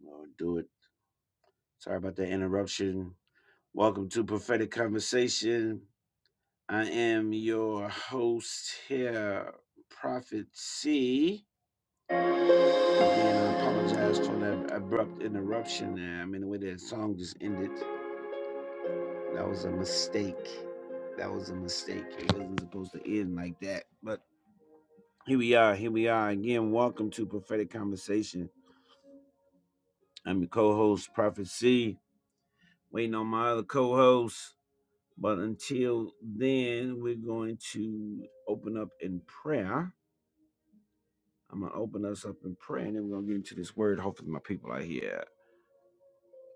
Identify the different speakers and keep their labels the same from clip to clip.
Speaker 1: Well, do it. Sorry about that interruption. Welcome to Prophetic Conversation. I am your host here, Prophet C. And I apologize for that abrupt interruption. there. I mean, the way that song just ended, that was a mistake. That was a mistake. It wasn't supposed to end like that. But here we are. Here we are again. Welcome to Prophetic Conversation. I'm your co host, Prophet C. Waiting on my other co host. But until then, we're going to open up in prayer. I'm going to open us up in prayer and then we're going to get into this word. Hopefully, my people are here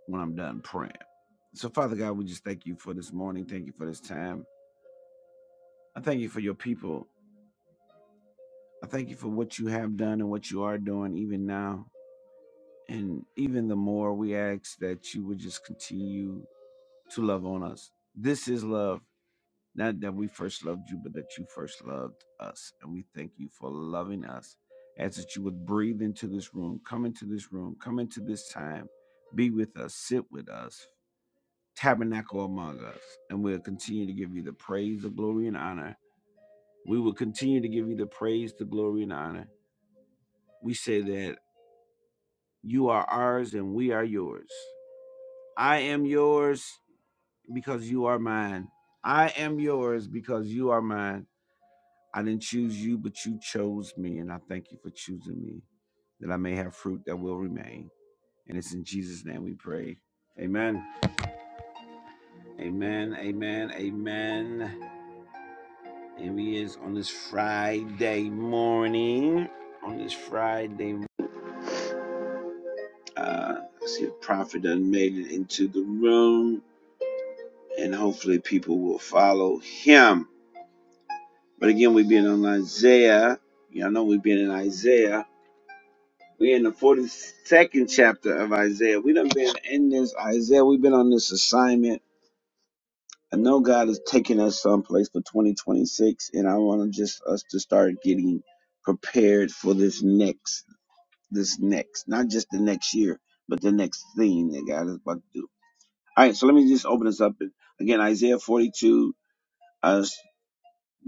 Speaker 1: when I'm done praying. So, Father God, we just thank you for this morning. Thank you for this time. I thank you for your people. I thank you for what you have done and what you are doing even now. And even the more we ask that you would just continue to love on us. This is love. Not that we first loved you, but that you first loved us. And we thank you for loving us. Ask that you would breathe into this room, come into this room, come into this time, be with us, sit with us, tabernacle among us. And we'll continue to give you the praise, the glory, and honor. We will continue to give you the praise, the glory, and honor. We say that you are ours and we are yours. I am yours because you are mine. I am yours because you are mine. I didn't choose you, but you chose me, and I thank you for choosing me, that I may have fruit that will remain. And it's in Jesus' name we pray. Amen. Amen. Amen. Amen. And we is on this Friday morning. On this Friday, uh, I see a prophet done made it into the room, and hopefully people will follow him. But again, we've been on Isaiah. Y'all know we've been in Isaiah. We're in the 42nd chapter of Isaiah. We done been in this Isaiah. We've been on this assignment. I know God is taking us someplace for 2026, and I want to just us to start getting prepared for this next, this next, not just the next year, but the next thing that God is about to do. All right, so let me just open this up again. Isaiah 42, uh,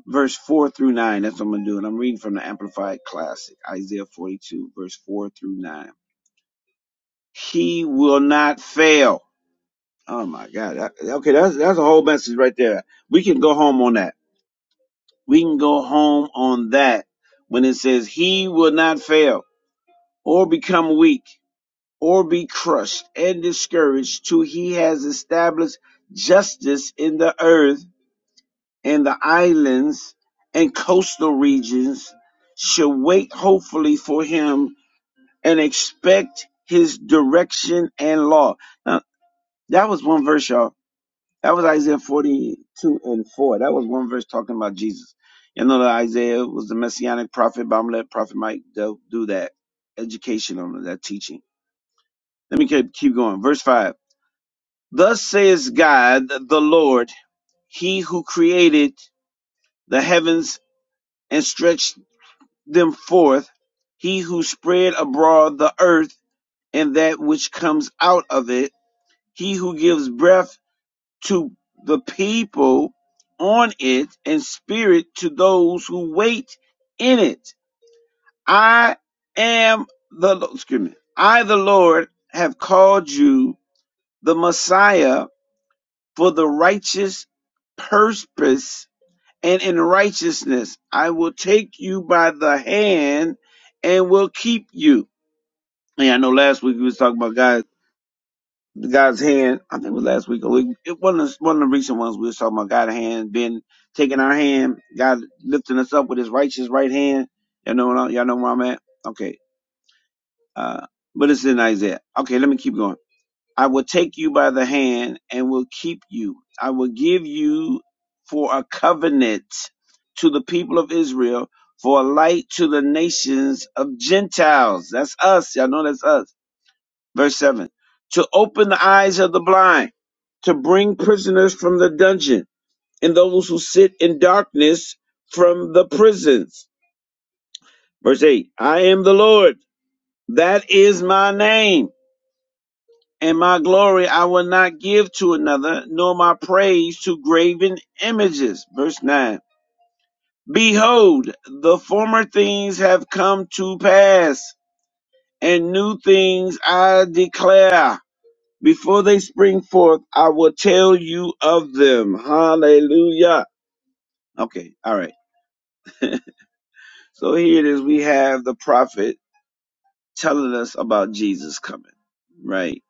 Speaker 1: verse 4 through 9. That's what I'm gonna do, and I'm reading from the Amplified Classic. Isaiah 42, verse 4 through 9. He will not fail. Oh my God. That- Okay, that's that's a whole message right there. We can go home on that. We can go home on that when it says he will not fail or become weak or be crushed and discouraged till he has established justice in the earth and the islands and coastal regions shall wait hopefully for him and expect his direction and law. Now, that was one verse, y'all That was Isaiah 42 and 4. That was one verse talking about Jesus. You know that Isaiah was the messianic prophet, but I'm gonna let Prophet Mike do do that education on that teaching. Let me keep, keep going. Verse 5. Thus says God, the Lord, he who created the heavens and stretched them forth, he who spread abroad the earth and that which comes out of it, he who gives breath to the people on it and spirit to those who wait in it. I am the Lo- excuse me. I the Lord have called you the Messiah for the righteous purpose and in righteousness. I will take you by the hand and will keep you. And I know last week we was talking about God the guy's hand. I think it was last week or week. It, one of the, one of the recent ones we was talking about God's hand being taking our hand, God lifting us up with His righteous right hand. Y'all know what I, y'all know where I'm at. Okay, uh, but it's in Isaiah. Okay, let me keep going. I will take you by the hand and will keep you. I will give you for a covenant to the people of Israel, for a light to the nations of Gentiles. That's us. Y'all know that's us Verse 7 To open the eyes of the blind, to bring prisoners from the dungeon, and those who sit in darkness from the prisons. Verse 8 I am the Lord, that is my name, and my glory I will not give to another, nor my praise to graven images. Verse 9 Behold, the former things have come to pass, and new things I declare. Before they spring forth, I will tell you of them. Hallelujah. Okay, all right. So here it is. We have the prophet telling us about Jesus coming, right?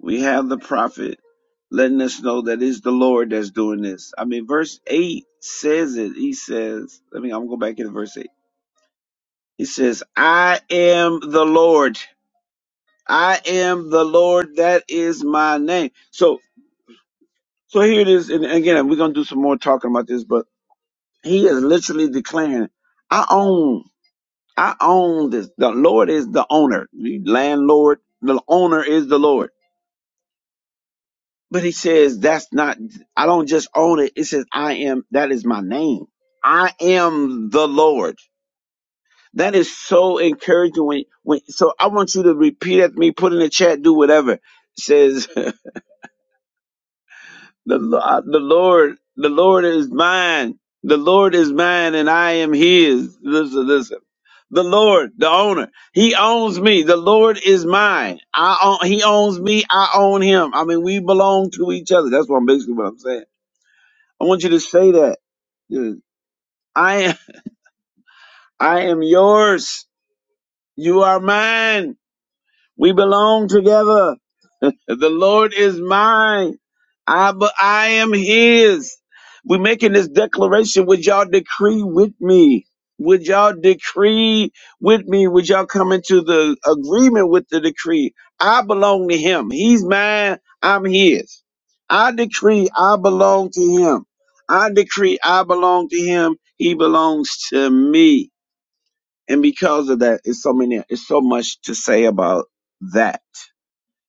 Speaker 1: We have the prophet letting us know that it's the Lord that's doing this. I mean, verse 8 says it. He says, let me, I'm going to go back into verse 8. He says, I am the Lord. I am the Lord. That is my name. So, so here it is. And again, we're going to do some more talking about this, but He is literally declaring, I own, I own this. The Lord is the owner, the landlord, the owner is the Lord. But he says, that's not, I don't just own it. It says, I am, that is my name. I am the Lord. That is so encouraging. When, when, so I want you to repeat at me, put in the chat, do whatever. It says." The, Lo- uh, the Lord, the Lord is mine. The Lord is mine and I am his. Listen, listen. The Lord, the owner, he owns me. The Lord is mine. I own, he owns me. I own him. I mean, we belong to each other. That's what I'm basically what I'm saying. I want you to say that. I, am I am yours. You are mine. We belong together. The Lord is mine. I but I am his. We're making this declaration. Would y'all decree with me? Would y'all decree with me? Would y'all come into the agreement with the decree? I belong to him. He's mine. I'm his. I decree I belong to him. I decree I belong to him. He belongs to me. And because of that, it's so many, it's so much to say about that.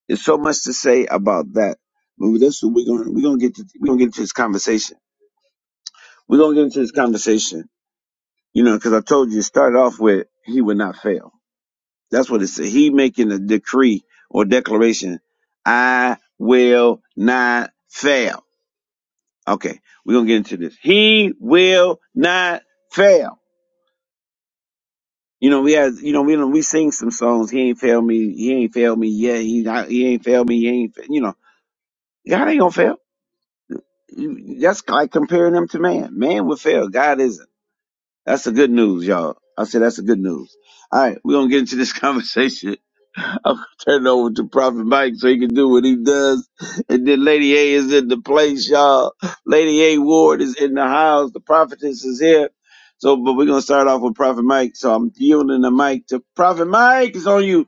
Speaker 1: There's so much to say about that. But that's what we're gonna we're gonna get to we're gonna get into this conversation. We're gonna get into this conversation. You know, because I told you it started off with he would not fail. That's what it said. He making a decree or declaration. I will not fail. Okay, we're gonna get into this. He will not fail. You know, we had you know, we know we sing some songs, he ain't failed me, he ain't failed me yet, he not, he ain't failed me, he ain't fa-" you know, God ain't gonna fail. You- That's like comparing them to man. Man will fail. God isn't. That's the good news, y'all. I said that's the good news. All right, we're gonna get into this conversation. I'm gonna turn it over to Prophet Mike so he can do what he does. And then Lady A is in the place, y'all. Lady A Ward is in the house. The prophetess is here. So, but we're gonna start off with Prophet Mike. So I'm yielding the mic to Prophet Mike. It's on you.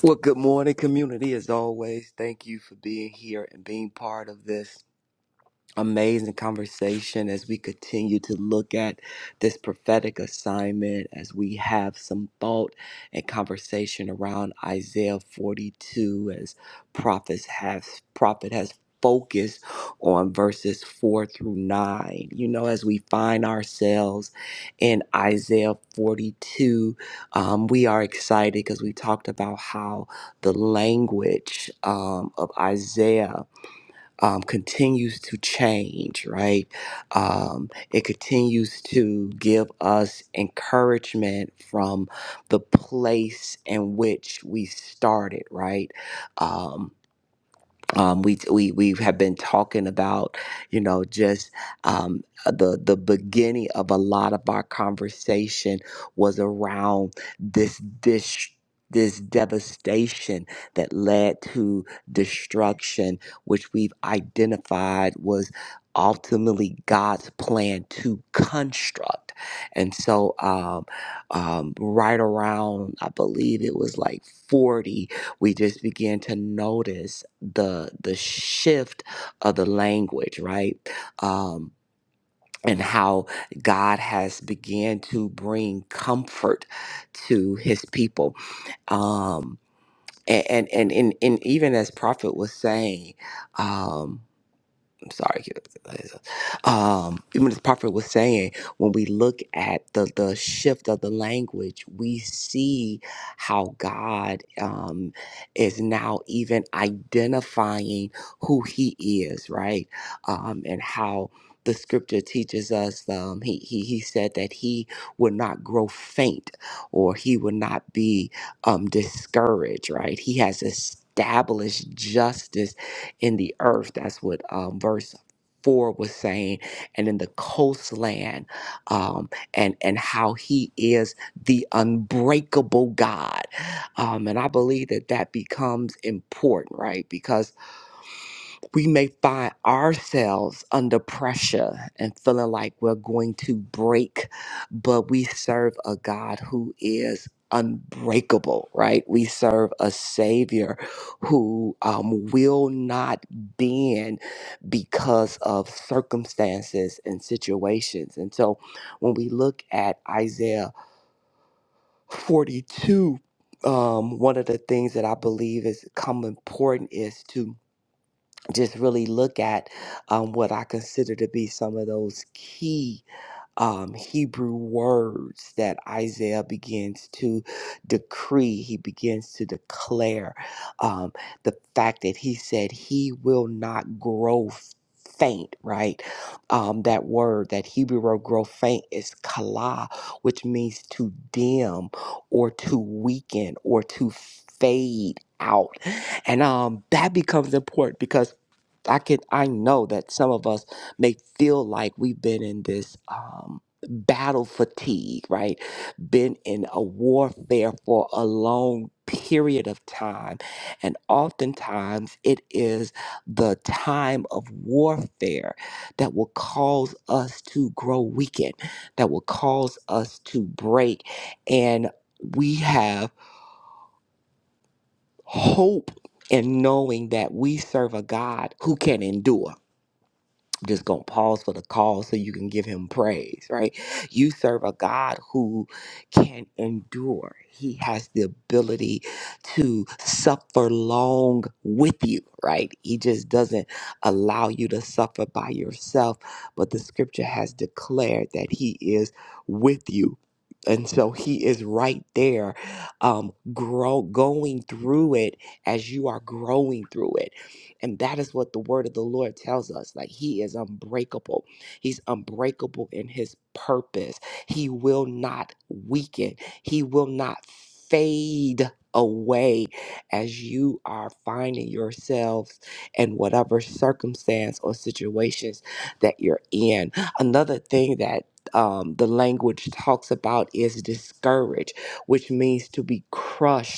Speaker 2: Well, good morning, community. As always, thank you for being here and being part of this amazing conversation as we continue to look at this prophetic assignment as we have some thought and conversation around Isaiah 42 as prophets has prophet has focused on verses 4 through 9 you know as we find ourselves in Isaiah 42 um, we are excited because we talked about how the language um, of Isaiah um, continues to change, right? Um, it continues to give us encouragement from the place in which we started, right? Um, um, we we we have been talking about, you know, just um, the the beginning of a lot of our conversation was around this this This devastation that led to destruction, which we've identified was ultimately God's plan to construct. And so, um, um, right around, I believe it was like 40, we just begin to notice the the shift of the language right um and how God has began to bring comfort to his people. Um, and, and, and, and, and even as Prophet was saying, um, I'm sorry. Um, even as Prophet was saying, when we look at the the shift of the language, we see how God um, is now even identifying who He is, right? Um, and how the Scripture teaches us. Um, he, he He said that He would not grow faint, or He would not be um, discouraged, right? He has established justice in the earth. That's what um, verse four was saying, and in the coastland, um, and and how He is the unbreakable God, um, and I believe that that becomes important, right? Because we may find ourselves under pressure and feeling like we're going to break, but we serve a God who is unbreakable, right? We serve a Savior who um, will not bend because of circumstances and situations. And so when we look at Isaiah 42, um, one of the things that I believe has come important is to just really look at um, what I consider to be some of those key um, Hebrew words that Isaiah begins to decree. He begins to declare um, the fact that he said he will not grow faint, right? Um, that word, that Hebrew word grow faint is kala, which means to dim or to weaken or to fade out. And um, that becomes important because I can I know that some of us may feel like we've been in this um battle fatigue, right? Been in a warfare for a long period of time. And oftentimes it is the time of warfare that will cause us to grow weakened, that will cause us to break. And we have hope in knowing that we serve a God who can endure I'm just going to pause for the call so you can give him praise, right? You serve a God who can endure. He has the ability to suffer long with you, right? He just doesn't allow you to suffer by yourself, but the scripture has declared that he is with you. And so he is right there, um, grow, going through it as you are growing through it. And that is what the word of the Lord tells us. Like he is unbreakable. He's unbreakable in his purpose. He will not weaken. He will not fade away as you are finding yourselves in whatever circumstance or situations that you're in. Another thing that um, the language talks about is discouraged, which means to be crushed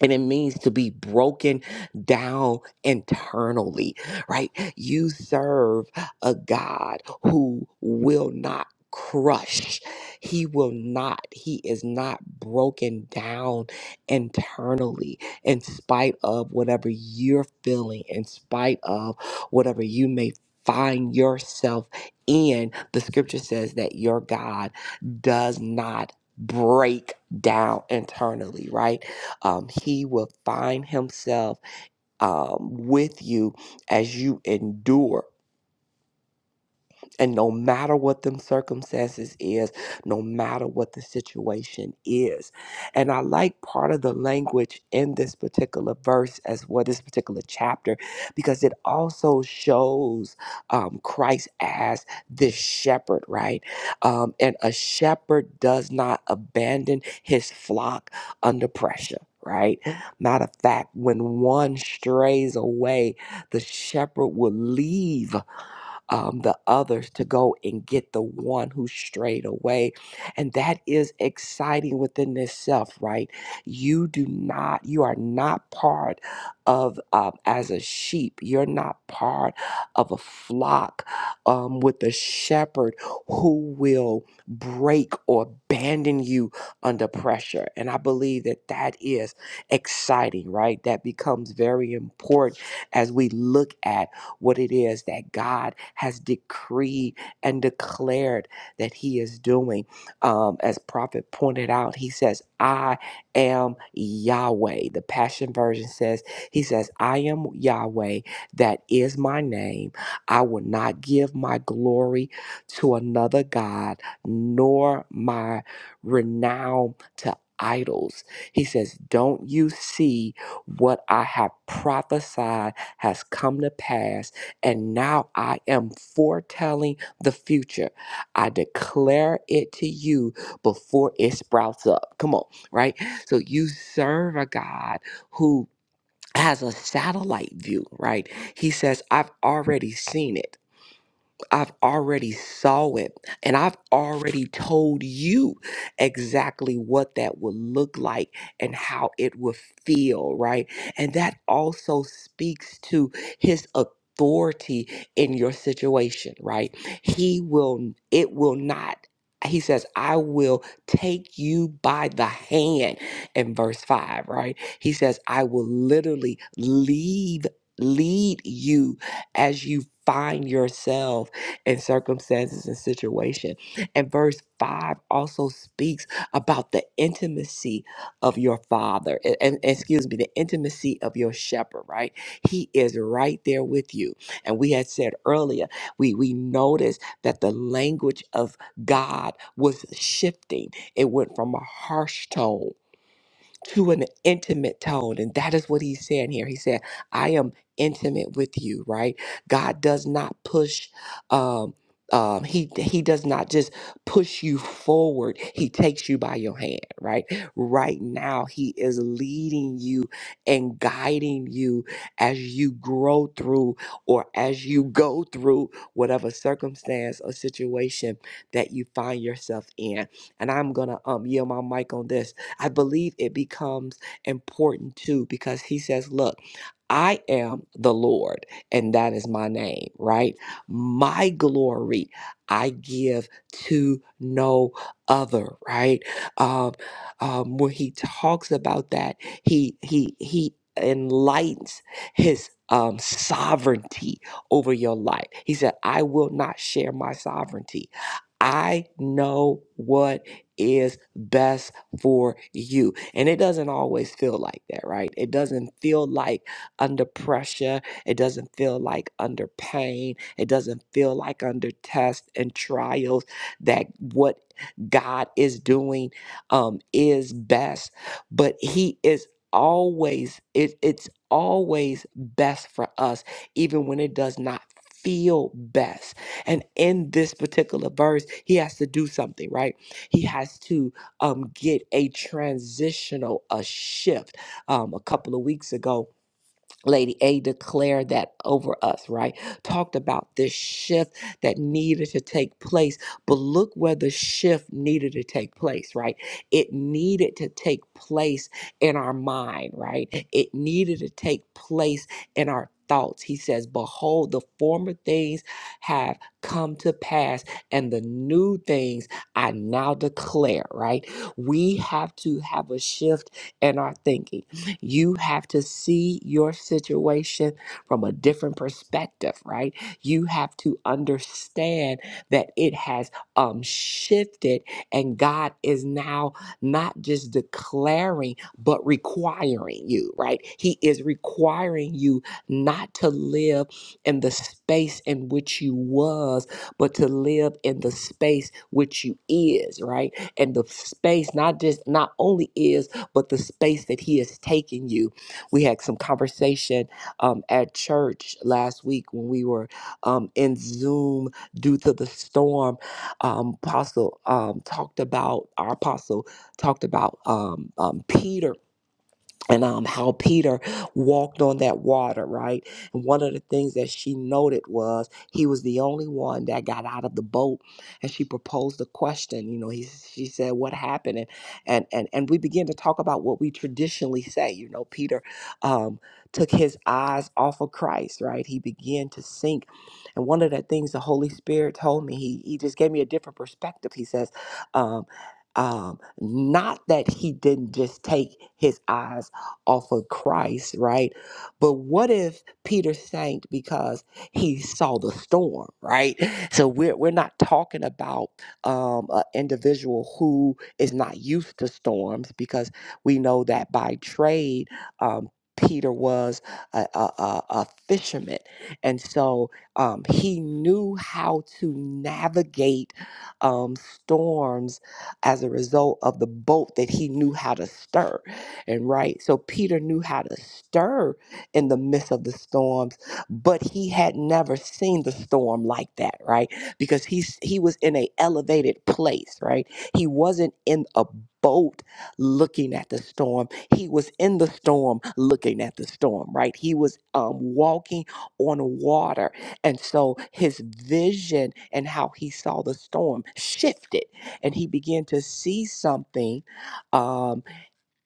Speaker 2: and it means to be broken down internally, right? You serve a God who will not crush. He will not. He is not broken down internally in spite of whatever you're feeling, in spite of whatever you may find yourself in. The scripture says that your God does not break down internally, right? um, he will find himself um, with you as you endure and no matter what them circumstances is, no matter what the situation is. And I like part of the language in this particular verse as well, this particular chapter, because it also shows um, Christ as this shepherd, right? Um, and a shepherd does not abandon his flock under pressure. Right? Matter of fact, when one strays away, the shepherd will leave um, the others to go and get the one who strayed away. And that is exciting within itself, right? You do not, you are not part of, um, as a sheep, you're not part of a flock um, with a shepherd who will break or abandon you under pressure. And I believe that that is exciting, right? That becomes very important as we look at what it is that God has decreed and declared that He is doing. Um, as Prophet pointed out, He says, I am Yahweh. The Passion Version says, He says, I am Yahweh. That is my name. I will not give my glory to another God, nor my renown to idols. He says, Don't you see what I have prophesied? has come to pass, and now I am foretelling the future. I declare it to you before it sprouts up. Come on, right? So you serve a God who has a satellite view, right? He says, I've already seen it. I've already saw it and I've already told you exactly what that would look like and how it would feel, right? And that also speaks to his authority in your situation, right? He will it will not he says, I will take you by the hand in verse 5, right? He says, I will literally lead lead you as you find yourself and circumstances and situation. And verse 5 also speaks about the intimacy of your father, and, and- excuse me, the intimacy of your shepherd, right? He is right there with you. And we had said earlier, we, we noticed that the language of God was shifting. It went from a harsh tone to an intimate tone. And that is what he's saying here. He said, I am intimate with you, right? God does not push, um, um, he he does not just push you forward. He takes you by your hand, right? Right now, he is leading you and guiding you as you grow through or as you go through whatever circumstance or situation that you find yourself in. And I'm gonna um yield my mic on this I believe it becomes important too because he says, look, I am the Lord, and that is my name, right? My glory I give to no other, right? Um, um, when he talks about that, he he he enlightens his um, sovereignty over your life. He said, "I will not share my sovereignty. I know what is best for you. And it doesn't always feel like that, right? It doesn't feel like under pressure. It doesn't feel like under pain. It doesn't feel like under tests and trials that what God is doing um, is best, but He is always, it, it's always best for us, even when it does not feel best. And in this particular verse, He has to do something, right? He has to um, get a transitional, a shift. Um, a couple of weeks ago, Lady A declared that over us, right? Talked about this shift that needed to take place. But look where the shift needed to take place, right? It needed to take place in our mind, right? It needed to take place in our thoughts. He says, Behold, the former things have come to pass, and the new things I now declare, right? We have to have a shift in our thinking you have to see your situation from a different perspective, right? You have to understand that it has um, shifted and God is now not just declaring, but requiring you, right? He is requiring you not to live in the space in which you was, but to live in the space which you is, right? And the space not just not only is but the space that He has taken you. We had some conversation um, at church last week when we were um, in Zoom due to the storm. Um, Apostle um, talked about, our apostle talked about um, um, Peter and um, how Peter walked on that water, right? And one of the things that she noted was he was the only one that got out of the boat, and she proposed a question. You know, he she said, "What happened?" And and and, and we began to talk about what we traditionally say. You know, Peter um, took his eyes off of Christ, right? He began to sink, and one of the things the Holy Spirit told me, he he just gave me a different perspective. He says. Um, um, not that he didn't just take his eyes off of Christ, right? But what if Peter sank because he saw the storm, right? So we're we're not talking about um, an individual who is not used to storms because we know that by trade. Um, Peter was a, a, a a fisherman, and so um, he knew how to navigate um, storms as a result of the boat that he knew how to stir and right. So Peter knew how to stir in the midst of the storms, but he had never seen the storm like that, right? Because he's he was in a elevated place, right? He wasn't in a boat looking at the storm. He was in the storm looking at the storm, right? He was um, walking on water. And so his vision and how he saw the storm shifted and he began to see something um,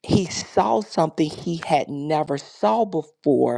Speaker 2: he saw something he had never saw before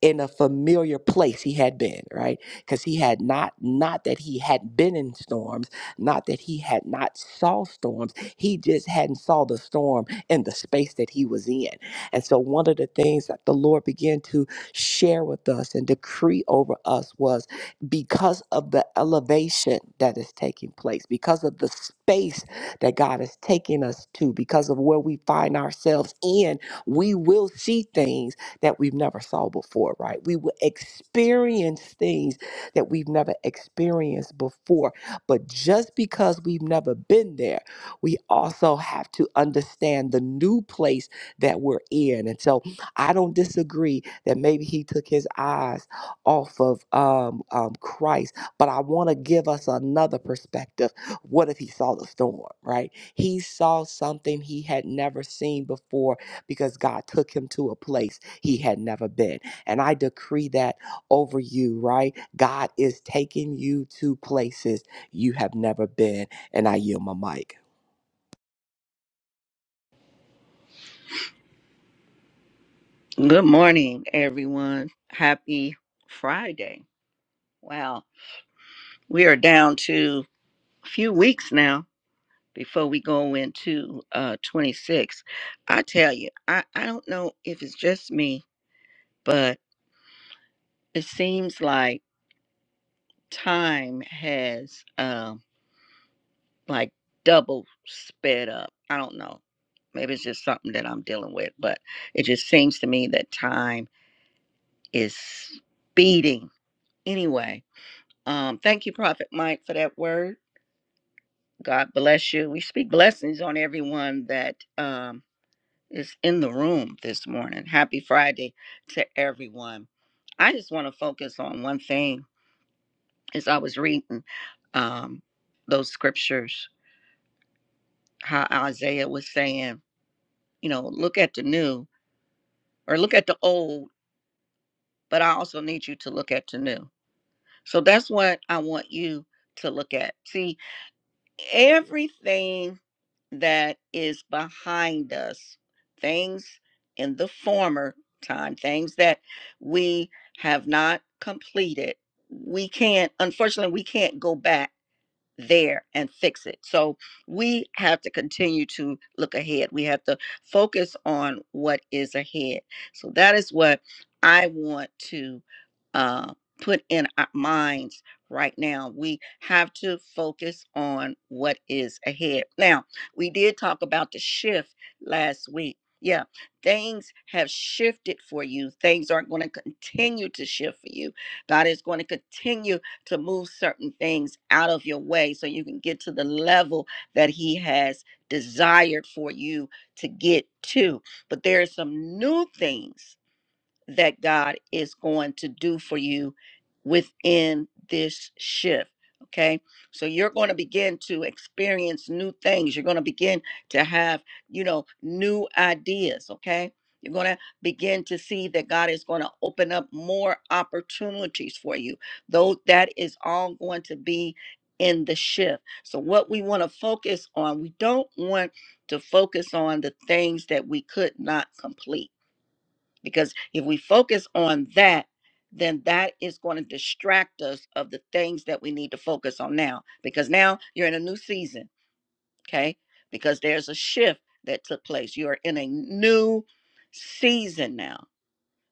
Speaker 2: in a familiar place he had been right because he had not not that he had been in storms not that he had not saw storms he just hadn't saw the storm in the space that he was in and so one of the things that the lord began to share with us and decree over us was because of the elevation that is taking place because of the space that god is taking us to because of where we find ourselves in we will see things that we've never saw before, right? We will experience things that we've never experienced before. But just because we've never been there, we also have to understand the new place that we're in. And so I don't disagree that maybe he took his eyes off of um, um, Christ, but I want to give us another perspective. What if he saw the storm, right? He saw something he had never seen before because God took him to a place he had never been. And I decree that over you, right? God is taking you to places you have never been. And I yield my mic.
Speaker 3: Good morning, everyone. Happy Friday. Wow, we are down to a few weeks now before we go into uh 26. I tell you, I, I don't know if it's just me, but it seems like time has um like double sped up. I don't know. Maybe it's just something that I'm dealing with, but it just seems to me that time is speeding. Anyway, Um, thank you, Prophet Mike, for that word. God bless you. We speak blessings on everyone that um, is in the room this morning. Happy Friday to everyone. I just want to focus on one thing as I was reading um, those scriptures, how Isaiah was saying, you know, look at the new or look at the old, but I also need you to look at the new. So that's what I want you to look at. See, everything that is behind us, things in the former time, things that we have not completed, we can't, unfortunately, we can't go back there and fix it. So we have to continue to look ahead. We have to focus on what is ahead. So that is what I want to uh, put in our minds right now. We have to focus on what is ahead. Now, we did talk about the shift last week. Yeah, things have shifted for you. Things are going to continue to shift for you. God is going to continue to move certain things out of your way so you can get to the level that He has desired for you to get to. But there are some new things that God is going to do for you within this shift. Okay. So you're going to begin to experience new things. You're going to begin to have, you know, new ideas. Okay. You're going to begin to see that God is going to open up more opportunities for you. Though that is all going to be in the shift. So, what we want to focus on, we don't want to focus on the things that we could not complete because if we focus on that then that is going to distract us of the things that we need to focus on now because now you're in a new season okay because there's a shift that took place you are in a new season now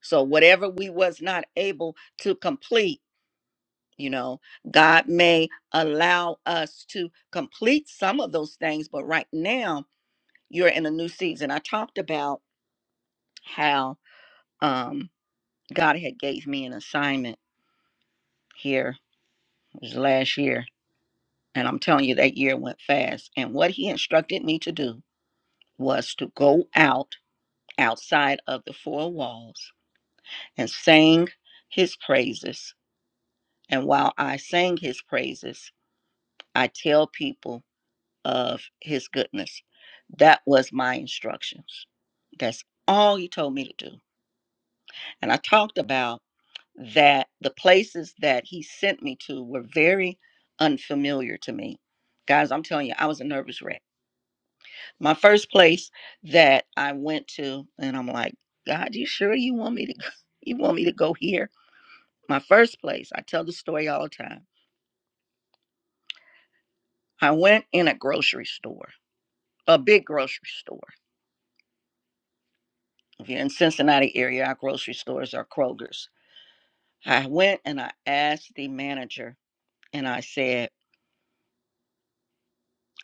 Speaker 3: so whatever we was not able to complete you know god may allow us to complete some of those things but right now you're in a new season i talked about how um god had gave me an assignment here. It was last year. And I'm telling you, that year went fast. And what he instructed me to do was to go out outside of the four walls and sing his praises. And while I sang his praises, I tell people of his goodness. That was my instructions. That's all he told me to do. And I talked about that the places that he sent me to were very unfamiliar to me. Guys, I'm telling you, I was a nervous wreck My first place that I went to, and I'm like, God, you sure you want me to go? You want me to go here? My first place, I tell the story all the time. I went in a grocery store, a big grocery store. If you're in Cincinnati area, our grocery stores are Kroger's. I went and I asked the manager, and I said,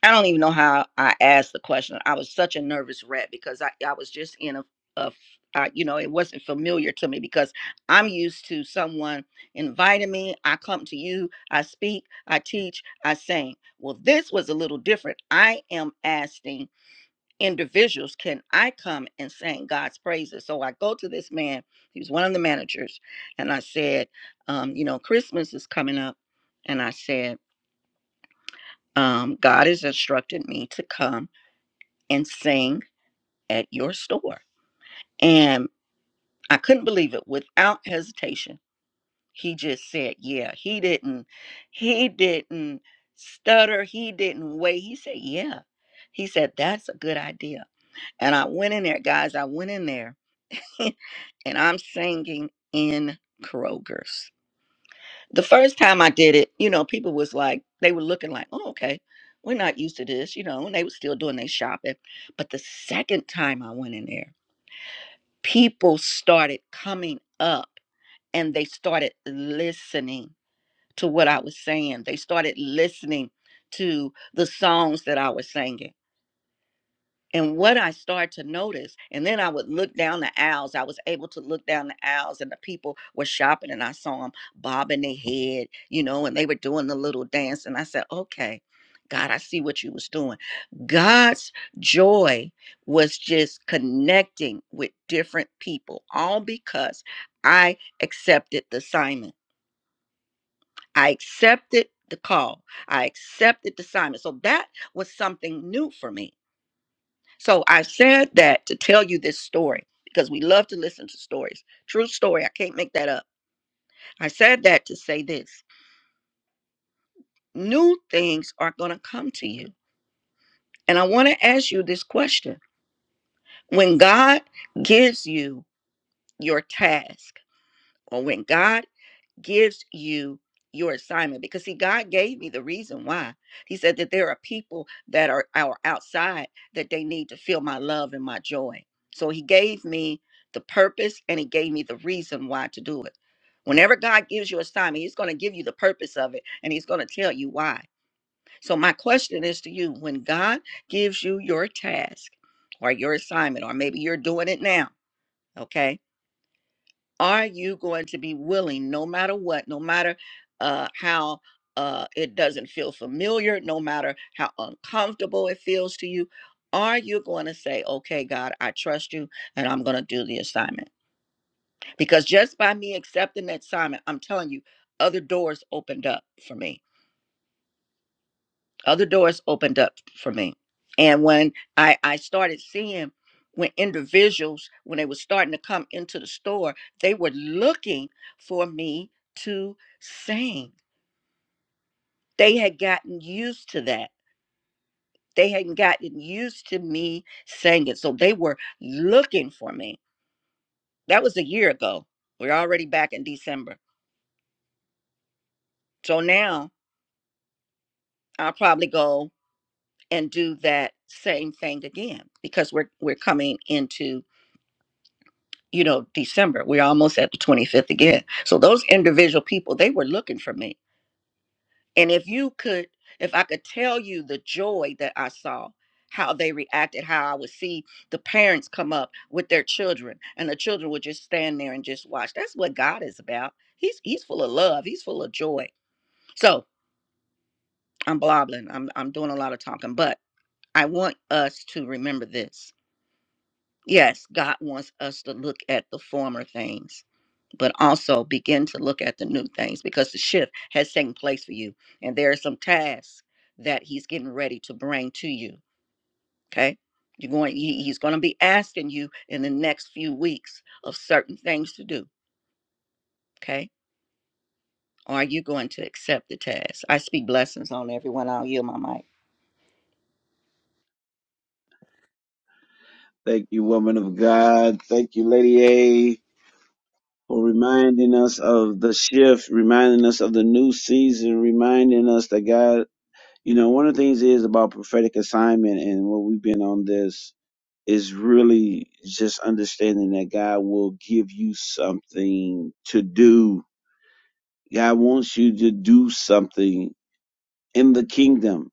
Speaker 3: I don't even know how I asked the question. I was such a nervous rat because I, I was just in a, a f- I- you know, it wasn't familiar to me because I'm used to someone inviting me. I come to you, I speak, I teach, I sing. Well, this was a little different. I am asking individuals, can I come and sing God's praises? So I go to this man, he was one of the managers, and I said, um, you know, Christmas is coming up. And I said, um, God has instructed me to come and sing at your store. And I couldn't believe it without hesitation. He just said, Yeah, he didn't, he didn't stutter, he didn't wait. He said, Yeah. He said, That's a good idea. And I went in there, guys, I went in there and I'm singing in Kroger's. The first time I did it, you know, people was like, they were looking like, oh, okay, we're not used to this, you know, and they were still doing their shopping. But the second time I went in there, people started coming up and they started listening to what I was saying. They started listening to the songs that I was singing and what I started to notice, and then I would look down the aisles. I was able to look down the aisles, and the people were shopping, and I saw them bobbing their head, you know, and they were doing the little dance. And I said, "Okay, God, I see what you was doing." God's joy was just connecting with different people, all because I accepted the assignment. I accepted the call. I accepted the assignment. So that was something new for me so I said that to tell you this story because we love to listen to stories. True story. I can't make that up. I said that to say this new things are going to come to you. And I want to ask you this question. When God gives you your task, or when God gives you your assignment because see god gave me the reason why he said that there are people that are, are outside that they need to feel my love and my joy so he gave me the purpose and he gave me the reason why to do it whenever god gives you assignment he's going to give you the purpose of it and he's going to tell you why so my question is to you when god gives you your task or your assignment or maybe you're doing it now okay are you going to be willing no matter what no matter uh how uh it doesn't feel familiar no matter how uncomfortable it feels to you are you going to say okay god i trust you and i'm going to do the assignment because just by me accepting that assignment i'm telling you other doors opened up for me other doors opened up for me. And when I, I started seeing when individuals, when they were starting to come into the store, they were looking for me to sing. They had gotten used to that. They hadn't gotten used to me singing. So they were looking for me. That was a year ago. We're already back in December. So now I'll probably go and do that same thing again because we're we're coming into you know, December. We're almost at the 25th again. So those individual people, they were looking for me. And if you could, if I could tell you the joy that I saw, how they reacted, how I would see the parents come up with their children and the children would just stand there and just watch. That's what God is about. He's he's full of love. He's full of joy. So I'm blobbling. I'm I'm doing a lot of talking, but I want us to remember this. Yes, God wants us to look at the former things but also begin to look at the new things because the shift has taken place for you. And there are some tasks that he's getting ready to bring to you. Okay. You're going, he- he's going to be asking you in the next few weeks of certain things to do. Okay. Are you going to accept the task? I speak blessings on everyone. I'll yield my mic.
Speaker 1: Thank you, woman of God. Thank you, Lady A. for reminding us of the shift, reminding us of the new season, reminding us that God, you know, one of the things is about prophetic assignment and what we've been on this is really just understanding that God will give you something to do. God wants you to do something in the kingdom.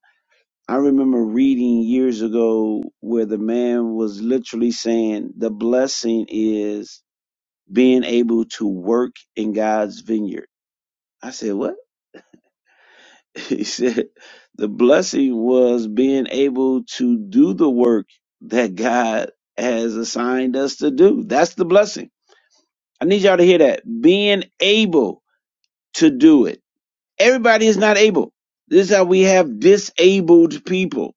Speaker 1: I remember reading years ago where the man was literally saying the blessing is being able to work in God's vineyard I said, What? He said, The blessing was being able to do the work that God has assigned us to do. That's the blessing. I need y'all to hear that. Being able to do it. Everybody is not able. This is how we have disabled people,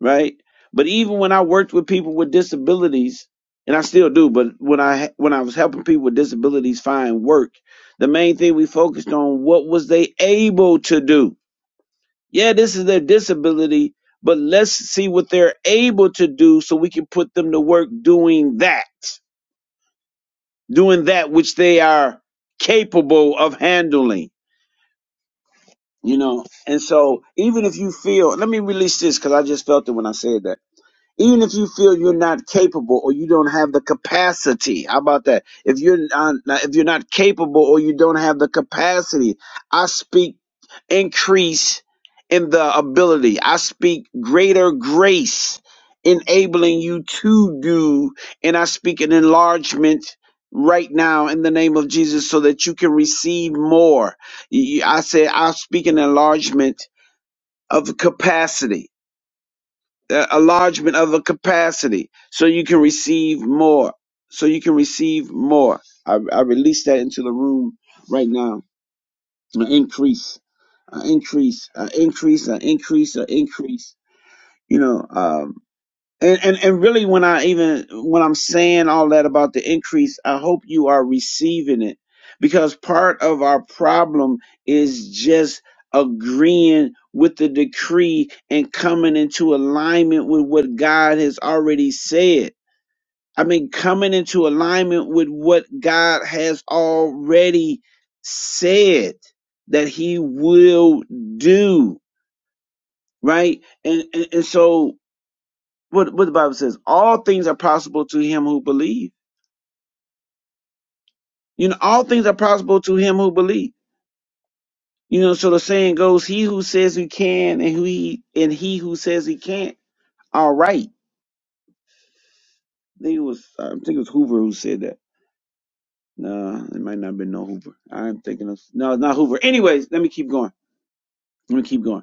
Speaker 1: right? But even when I worked with people with disabilities, and I still do, but when I when I was helping people with disabilities find work, the main thing we focused on what was they able to do Yeah, this is their disability, but let's see what they're able to do so we can put them to work doing that, doing that which they are capable of handling, you know. And so, even if you feel, let me release this because I just felt it when I said that even if you feel you're not capable or you don't have the capacity how about that if you're not if you're not capable or you don't have the capacity i speak increase in the ability i speak greater grace enabling you to do and i speak an enlargement right now in the name of jesus so that you can receive more Y- y- i say i speak an enlargement of capacity a enlargement of a capacity so you can receive more so you can receive more i, I release that into the room right now an increase an increase an increase an increase an increase you know um, and, and and really when I even when I'm saying all that about the increase, I hope you are receiving it because part of our problem is just agreeing with the decree and coming into alignment with what God has already said. I mean coming into alignment with what God has already said that he will do, right? And and, and so what what the Bible says, all things are possible to him who believes. You know, all things are possible to him who believes. You know, so the saying goes, he who says he can and who he and he who says he can't are right. I think it was I think it was Hoover who said that. No, it might not have been no Hoover. I'm thinking of no, it's not Hoover. Anyways, let me keep going. Let me keep going.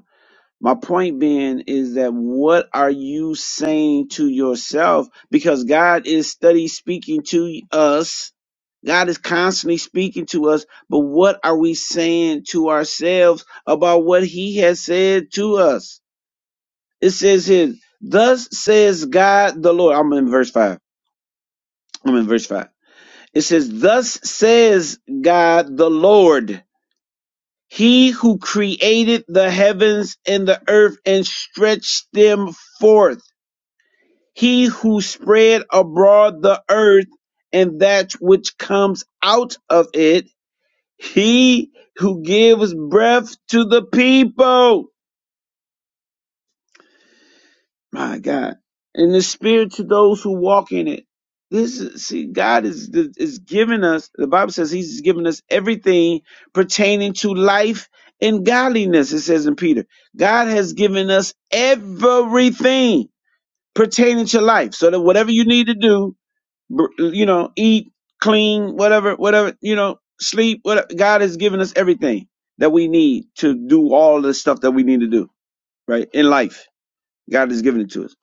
Speaker 1: My point being is that what are you saying to yourself? Because God is study speaking to us. God is constantly speaking to us, but what are we saying to ourselves about what he has said to us? It says here, thus says God the Lord. I'm in verse five. I'm in verse five. It says, thus says God the Lord, he who created the heavens and the earth and stretched them forth He who spread abroad the earth and that which comes out of it, he who gives breath to the people, my God, and the spirit to those who walk in it. This is, see, God is, is giving us, the Bible says he's given us everything pertaining to life and godliness, it says in Peter. God has given us everything pertaining to life. So that whatever you need to do, br- you know, eat, clean, whatever, whatever, you know, sleep. Whatever. God has given us everything that we need to do all the stuff that we need to do, right? In life, God has given it to us.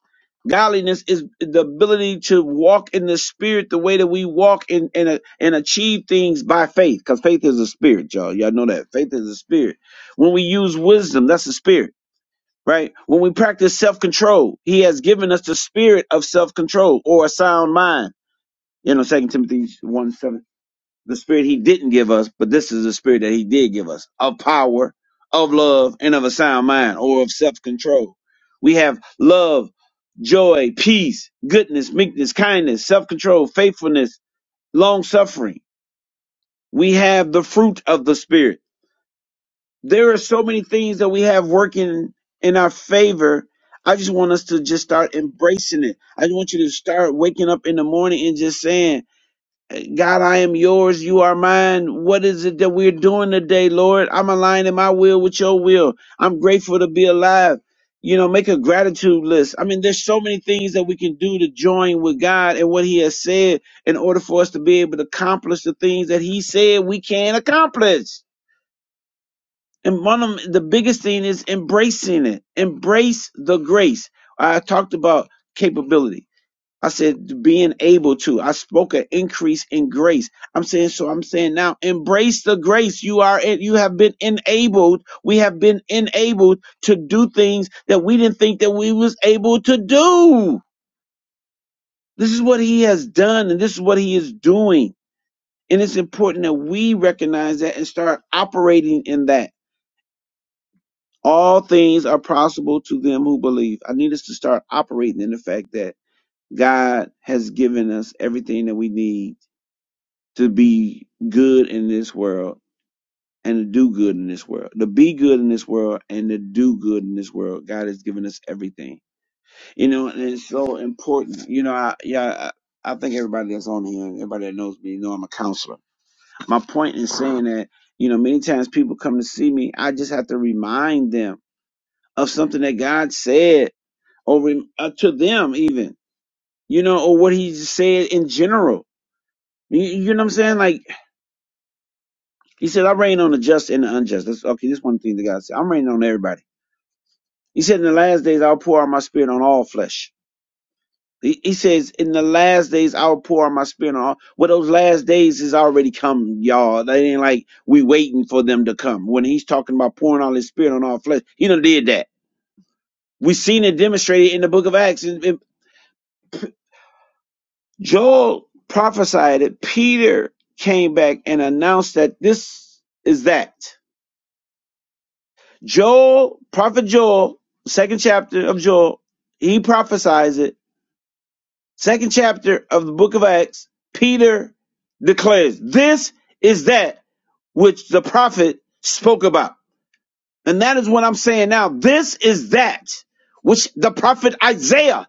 Speaker 1: Godliness is the ability to walk in the spirit the way that we walk in, and and uh, and achieve things by faith, because faith is a spirit, y'all. Y'all know that faith is a spirit. When we use wisdom, that's a spirit, right? When we practice self control, He has given us the spirit of self control or a sound mind you know, Second Timothy one seven. The spirit he didn't give us, but this is the spirit that he did give us of power, of love, and of a sound mind or of self control. We have love, joy, peace, goodness, meekness, kindness, self control, faithfulness, long suffering. We have the fruit of the spirit. There are so many things that we have working in our favor. I just want us to just start embracing it. I just want you to start waking up in the morning and just saying, God, I am yours. You are mine. What is it that we're doing today, Lord? I'm aligning my will with your will. I'm grateful to be alive. You know, make a gratitude list. I mean, there's so many things that we can do to join with God and what He has said in order for us to be able to accomplish the things that He said we can accomplish. And one of 'em- the biggest thing is embracing it. Embrace the grace. I talked about capability I said being able to. I spoke an increase in grace. I'm saying so I'm saying now embrace the grace you are you have been enabled. We have been enabled to do things that we didn't think that we was able to do. This is what he has done and this is what he is doing. And it's important that we recognize that and start operating in that. All things are possible to them who believe. I need us to start operating in the fact that God has given us everything that we need to be good in this world and to do good in this world, to be good in this world and to do good in this world. God has given us everything, you know, and it's so important. You know, I yeah, I, I think everybody that's on here, and everybody that knows me, know I'm a counselor. My point in saying that, you know, many times people come to see me, I just have to remind them of something that God said over uh, to them, even you know, or what He said in general. You, you know what I'm saying? Like He said, I rain on the just and the unjust. That's okay. This one thing the God said. I'm raining on everybody. He said, In the last days, I'll pour out my spirit on all flesh. He, he says, In the last days, I'll pour out my spirit on all. Well, those last days has already come, y'all. They ain't like we waiting for them to come. When he's talking about pouring out his spirit on all flesh, he done did that. we seen it demonstrated in the book of Acts. And, and Joel prophesied it. Peter came back and announced that this is that. Joel, prophet Joel, second chapter of Joel, he prophesies it. Second chapter of the book of Acts, Peter declares, This is that which the prophet spoke about. And that is what I'm saying now. This is that which the prophet Isaiah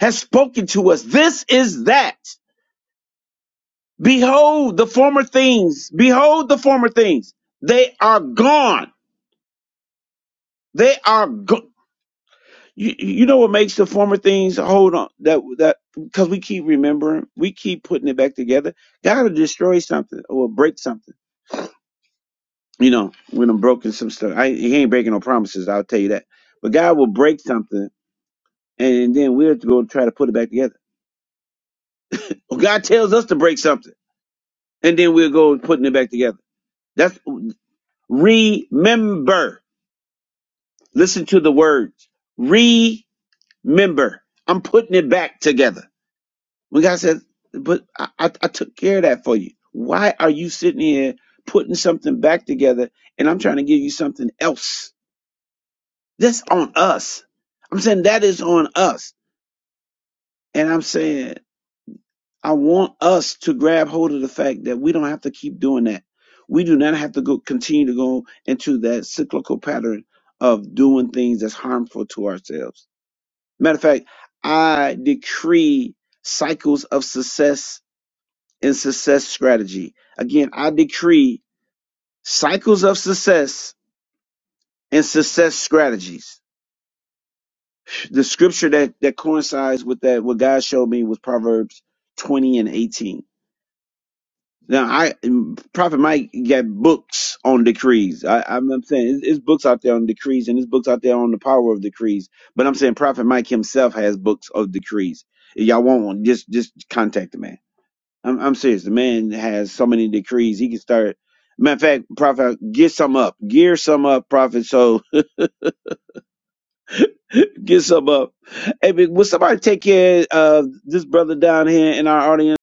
Speaker 1: has spoken to us. This is that. Behold the former things. Behold the former things. They are gone. They are gone. You, you know what makes the former things hold on that that because we keep remembering, we keep putting it back together. God will destroy something or break something. You know, when I'm broken some stuff, I, he ain't breaking no promises. I'll tell you that. But God will break something, and then we'll go try to put it back together. Or God tells us to break something, and then we'll go putting it back together. That's remember. Listen to the words. Remember. I'm putting it back together. When God says, but I, I, I took care of that for you. Why are you sitting here putting something back together and I'm trying to give you something else? That's on us. I'm saying that is on us. And I'm saying I want us to grab hold of the fact that we don't have to keep doing that. We do not have to go continue to go into that cyclical pattern of doing things that's harmful to ourselves. Matter of fact, I decree cycles of success and success strategy. Again, I decree cycles of success and success strategies. The scripture that, that coincides with that, what God showed me was Proverbs 20 and 18. Now, I Prophet Mike got books on decrees. I, I'm, I'm saying it's, it's books out there on decrees, and it's books out there on the power of decrees. But I'm saying Prophet Mike himself has books of decrees. If y'all want one, just just contact the man. I'm, I'm serious. The man has so many decrees. He can start. Matter of fact, prophet, get some up. Gear some up, prophet. So get some up. Hey, big, will somebody take care of this brother down here in our audience?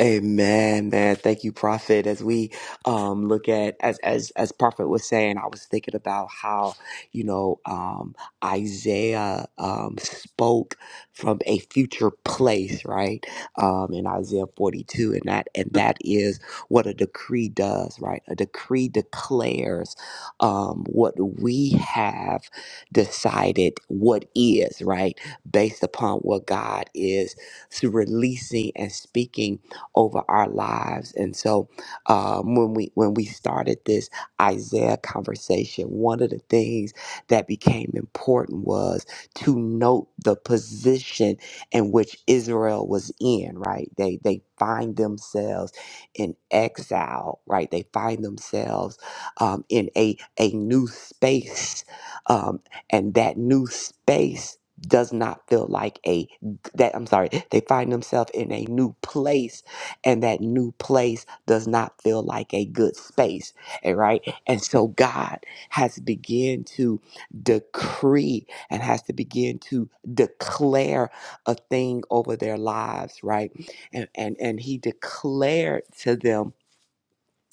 Speaker 2: Amen, man. Thank you, Prophet. As we um, look at, as as as Prophet was saying, I was thinking about how you know um, Isaiah um, spoke from a future place, right? Um, in Isaiah forty two, and that and that is what a decree does, right? A decree declares um, what we have decided what is, right, based upon what God is releasing and speaking over our lives. And so um, when we when we started this Isaiah conversation, one of the things that became important was to note the position in which Israel was in, right? They they find themselves in exile, right? They find themselves um, in a a new space, um, and that new space does not feel like a that I'm sorry. They find themselves in a new place and that new place does not feel like a good space. And right. And so God has begun to decree and has to begin to declare a thing over their lives, right? And and and he declared to them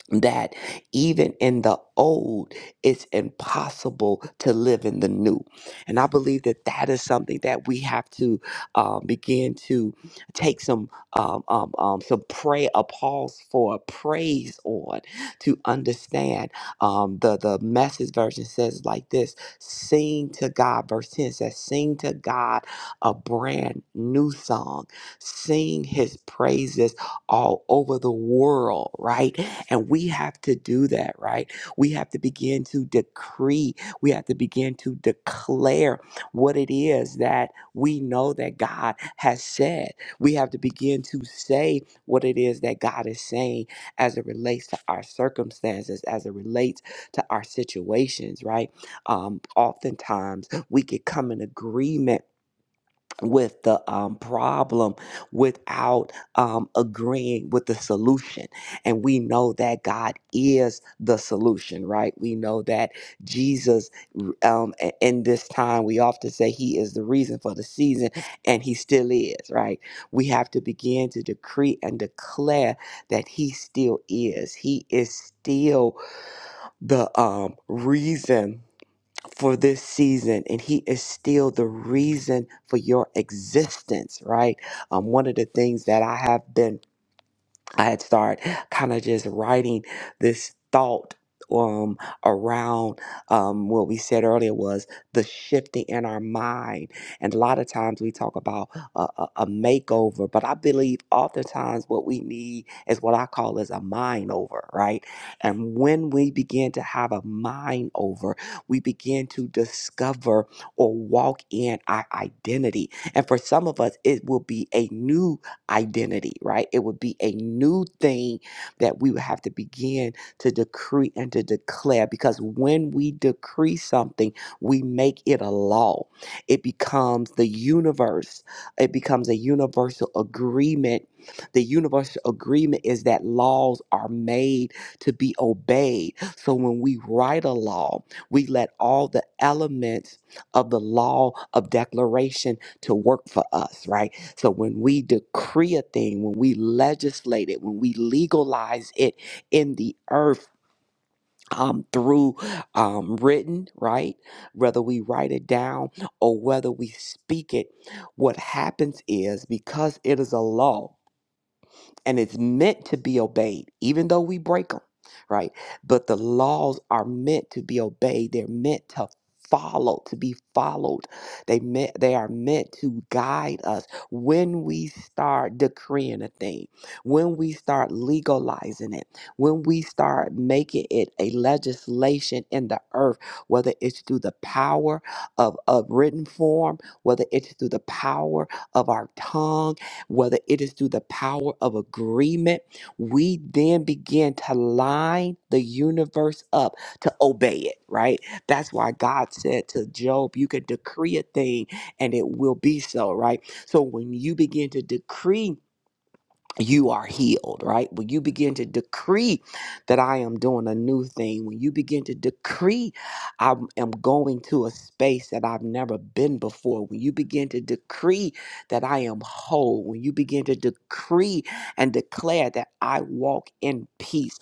Speaker 2: that even in the old, it's impossible to live in the new. And I believe that that is something that we have to um, begin to take some um, um, um, some pray a pause for praise on to understand. Um, the the message version says like this: Sing to God. Verse ten says, "Sing to God a brand new song. Sing His praises all over the world." Right and we have to do that, right? We have to begin to decree, we have to begin to declare what it is that we know that God has said. We have to begin to say what it is that God is saying as it relates to our circumstances, as it relates to our situations, right? Um, oftentimes we could come in agreement with the um, problem without um, agreeing with the solution. And we know that God is the solution, right? We know that Jesus, um, a- in this time, we often say he is the reason for the season, and he still is, right? We have to begin to decree and declare that he still is. He is still the um, reason for this season, and He is still the reason for your existence, right? Um, one of the things that I have been I had started kind of just writing this thought um around um what we said earlier was the shifting in our mind and a lot of times we talk about a, a, a makeover but i believe oftentimes what we need is what i call is a mind over right and when we begin to have a mind over we begin to discover or walk in our identity and for some of us it will be a new identity, right? It would be a new thing that we would have to begin to decree and to declare because when we decree something, we make it a law. It becomes the universe, it becomes a universal agreement. The universal agreement is that laws are made to be obeyed. So when we write a law, we let all the elements of the law of declaration to work for us, right? So when we decree a thing, when we legislate it, when we legalize it in the earth, um, through um, written, right? Whether we write it down or whether we speak it, what happens is because it is a law, and it's meant to be obeyed, even though we break them, right? But the laws are meant to be obeyed. They're meant to follow, to be followed. They meant they are meant to guide us when we start decreeing a thing, when we start legalizing it, when we start making it a legislation in the earth, whether it's through the power of, of written form, whether it's through the power of our tongue whether it is through the power of agreement, we then begin to line the universe up to obey it, right? That's why God said to Job, You can decree a thing and it will be so, right? So when you begin to decree, you are healed, right? When you begin to decree that I am doing a new thing, when you begin to decree I am going to a space that I've never been before, when you begin to decree that I am whole, when you begin to decree and declare that I walk in peace,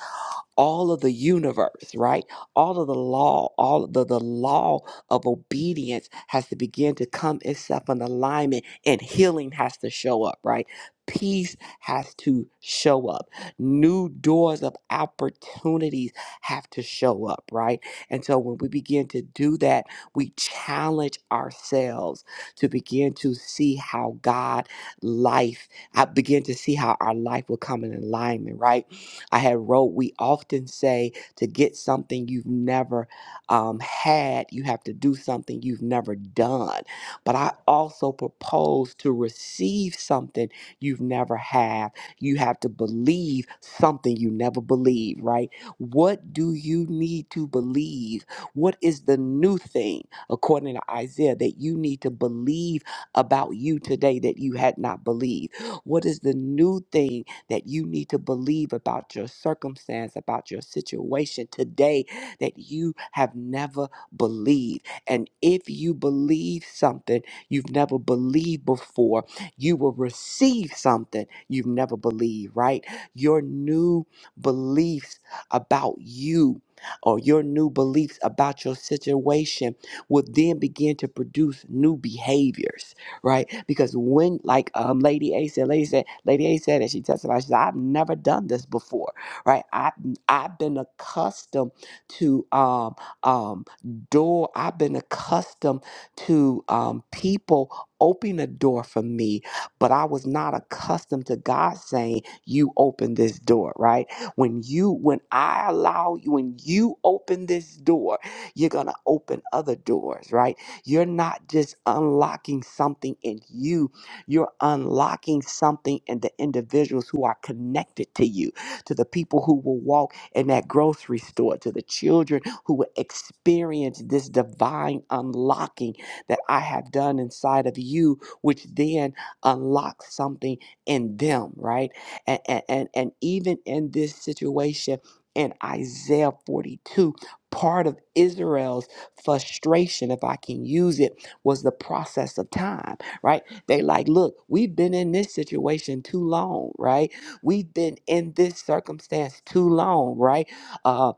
Speaker 2: all of the universe, right? All of the law, all of the, the law of obedience has to begin to come itself in alignment and healing has to show up, right? Peace has to show up. New doors of opportunities have to show up, right? And so when we begin to do that, we challenge ourselves to begin to see how God life, I begin to see how our life will come in alignment, right? I had wrote, we often say to get something you've never um, had, you have to do something you've never done. But I also propose to receive something you've never had. You have to believe something you never believed, right? What do you need to believe? What is the new thing, according to Isaiah, that you need to believe about you today that you had not believed? What is the new thing? that you need to believe about your circumstance, about your situation today that you have never believed. And if you believe something you've never believed before, you will receive something you've never believed, right? Your new beliefs about you or your new beliefs about your situation will then begin to produce new behaviors right? Because when, like um, Lady A said, Lady said, Lady A said, and she testified, she said, "I've never done this before, right? I I've been accustomed to um um door. I've been accustomed to um people." opening a door for me but i was not accustomed to god saying you open this door right when you when i allow you when you open this door you're gonna open other doors right you're not just unlocking something in you, you're unlocking something in the individuals who are connected to you, to the people who will walk in that grocery store, to the children who will experience this divine unlocking that I have done inside of you, which then unlocks something in them, right? And, and, and, and even in this situation, in Isaiah 42, part of Israel's frustration, if I can use it, was the process of time, right? They like, look, we've been in this situation too long, right? We've been in this circumstance too long, right? Uh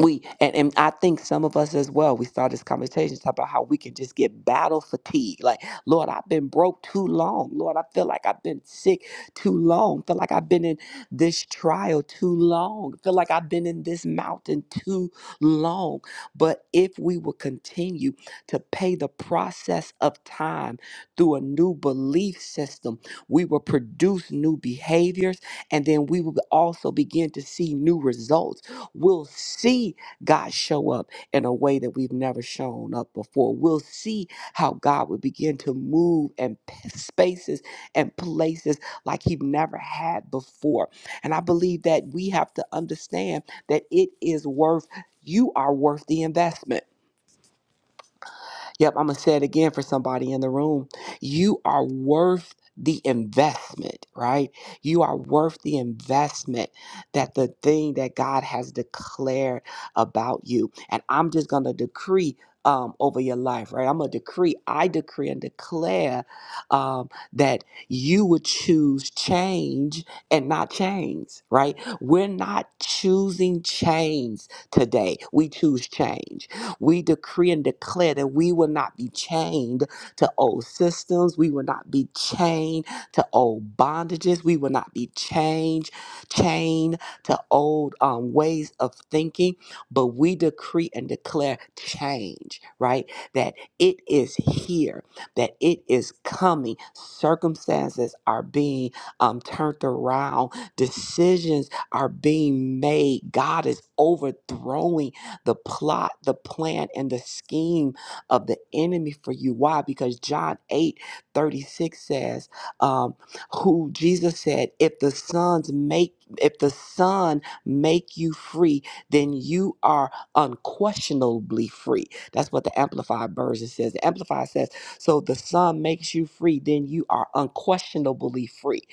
Speaker 2: we and, and I think some of us as well, we start this conversation talk about how we can just get battle fatigue. Like, Lord, I've been broke too long. Lord, I feel like I've been sick too long. Feel like I've been in this trial too long. Feel like I've been in this mountain too long. But if we will continue to pay the process of time through a new belief system, we will produce new behaviors and then we will also begin to see new results We'll see God show up in a way that we've never shown up before. We'll see how God would begin to move in p- spaces and places like He never had before. And I believe that we have to understand that it is worth, you are worth the investment Yep, I'm gonna say it again for somebody in the room. You are worth the investment, right? You are worth the investment that the thing that God has declared about you. And I'm just gonna decree um, over your life, right? I'm gonna decree, I decree and declare um, that you would choose change and not chains, right? We're not choosing chains today. We choose change we decree and declare that we will not be chained to old systems. We will not be chained to old bondages. We will not be chained, chained to old um, ways of thinking. But we decree and declare change, right? That it is here, that it is coming. Circumstances are being um, turned around, decisions are being made. God is overthrowing the plot, the plan, and the scheme of the enemy for you. Why? Because John 8 36 says, um, who Jesus said, if the sons make if the son make you free, then you are unquestionably free. That's what the Amplified version says. The Amplified says, so the son makes you free, then you are unquestionably free.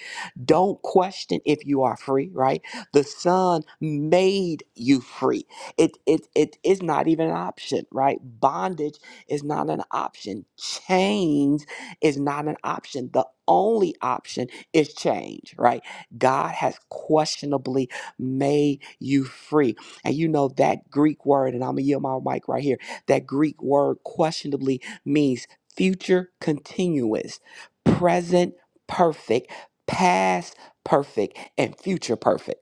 Speaker 2: Don't question if you are free, right? The son made you free. It it it is not even an option, right? Bondage is not an option. Change is not an option. The only option is change, right? God has questionably made you free. And you know that Greek word, and I'm gonna yield my mic right here. That Greek word questionably means future continuous, present perfect, past perfect, and future perfect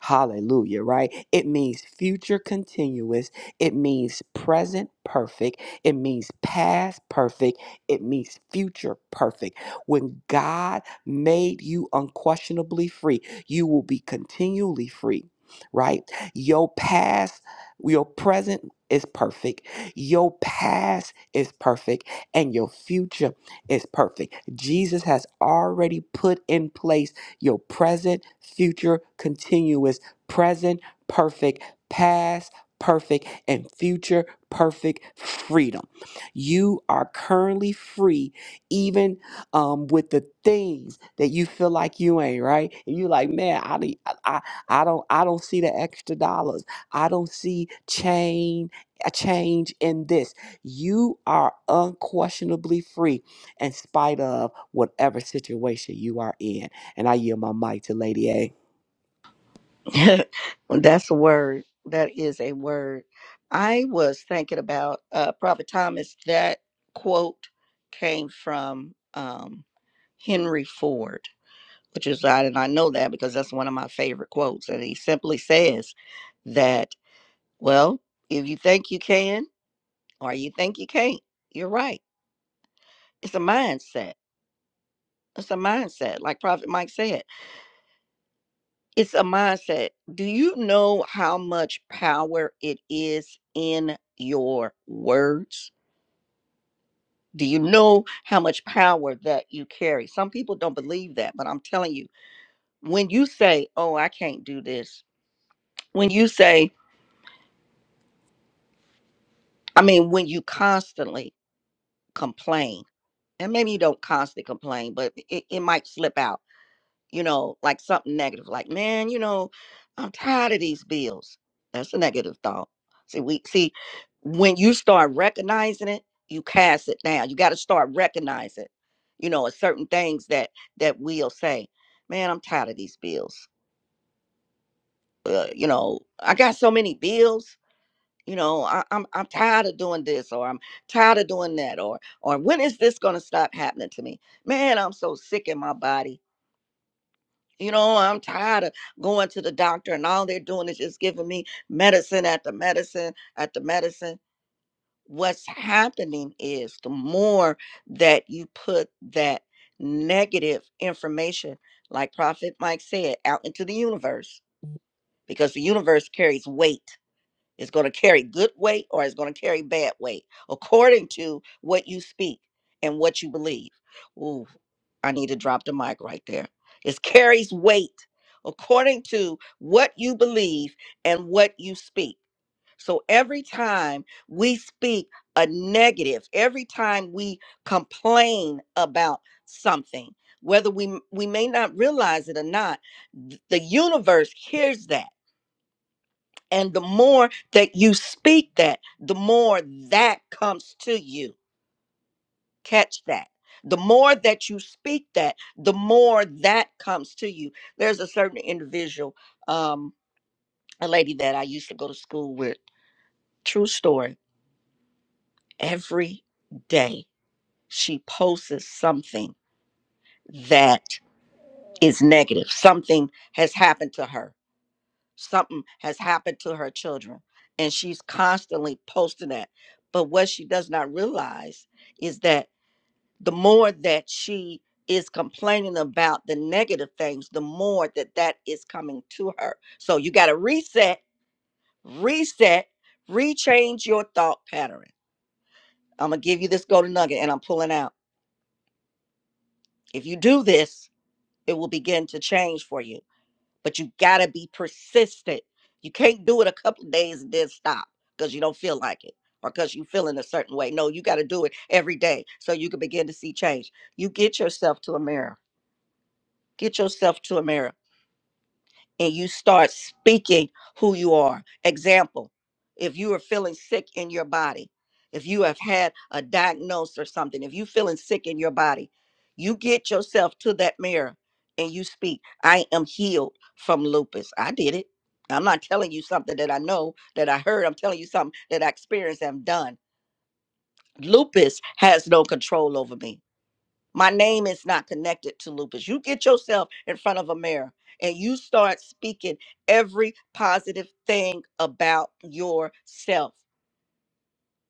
Speaker 2: Hallelujah, right? It means future continuous. It means present perfect. It means past perfect. It means future perfect. When God made you unquestionably free, you will be continually free, right? Your past, your present is perfect. Your past is perfect and your future is perfect. Jesus has already put in place your present, future, continuous, present, perfect, past, perfect, and future, perfect freedom. You are currently free, even um, with the things that you feel like you ain't right. And you like, man, I, don't- I, I I don't, I don't see the extra dollars. I don't see change, a change in this. You are unquestionably free in spite of whatever situation you are in. And I yield my mic to Lady A.
Speaker 3: Well, That's a word. That is a word. I was thinking about uh, Prophet Thomas. That quote came from. um, Henry Ford, which is, I and I know that because that's one of my favorite quotes. And he simply says that, well, if you think you can or you think you can't, you're right. It's a mindset. It's a mindset. Like Prophet Mike said, it's a mindset. Do you know how much power it is in your words? Do you know how much power that you carry? Some people don't believe that, but I'm telling you, when you say, oh, I can't do this, when you say, I mean, when you constantly complain, and maybe you don't constantly complain, but it, it might slip out, you know, like something negative, like, man, you know, I'm tired of these bills. That's a negative thought. See, we see when you start recognizing it, you cast it down. You got to start recognizing, you know, certain things that that we'll say, man, I'm tired of these bills. Uh, you know, I got so many bills you know I, i'm i'm tired of doing this or i'm tired of doing that or or when is this going to stop happening to me man i'm so sick in my body you know i'm tired of going to the doctor and all they're doing is just giving me medicine at the medicine at the medicine what's happening is the more that you put that negative information like prophet mike said out into the universe because the universe carries weight it's going to carry good weight or it's going to carry bad weight according to what you speak and what you believe. Ooh, I need to drop the mic right there. It carries weight according to what you believe and what you speak. So every time we speak a negative, every time we complain about something, whether we we may not realize it or not, th- the universe hears that and the more that you speak that, the more that comes to you. Catch that. The more that you speak that, the more that comes to you. There's a certain individual, um, a lady that I used to go to school with. True story. Every day she posts something that is negative. Something has happened to her something has happened to her children and she's constantly posting that but what she does not realize is that the more that she is complaining about the negative things the more that that is coming to her so you got to reset reset rechange your thought pattern i'm gonna give you this golden nugget and i'm pulling out if you do this it will begin to change for you but you gotta be persistent. You can't do it a couple of days and then stop because you don't feel like it or because you feeling a certain way. No, you gotta do it every day so you can begin to see change. You get yourself to a mirror. Get yourself to a mirror and you start speaking who you are. Example, if you are feeling sick in your body, if you have had a diagnosis or something, if you're feeling sick in your body, you get yourself to that mirror and you speak, I am healed from lupus. I did it. I'm not telling you something that I know that I heard. I'm telling you something that I experienced and done. Lupus has no control over me my name is not connected to lupus. You get yourself in front of a mirror and you start speaking every positive thing about yourself.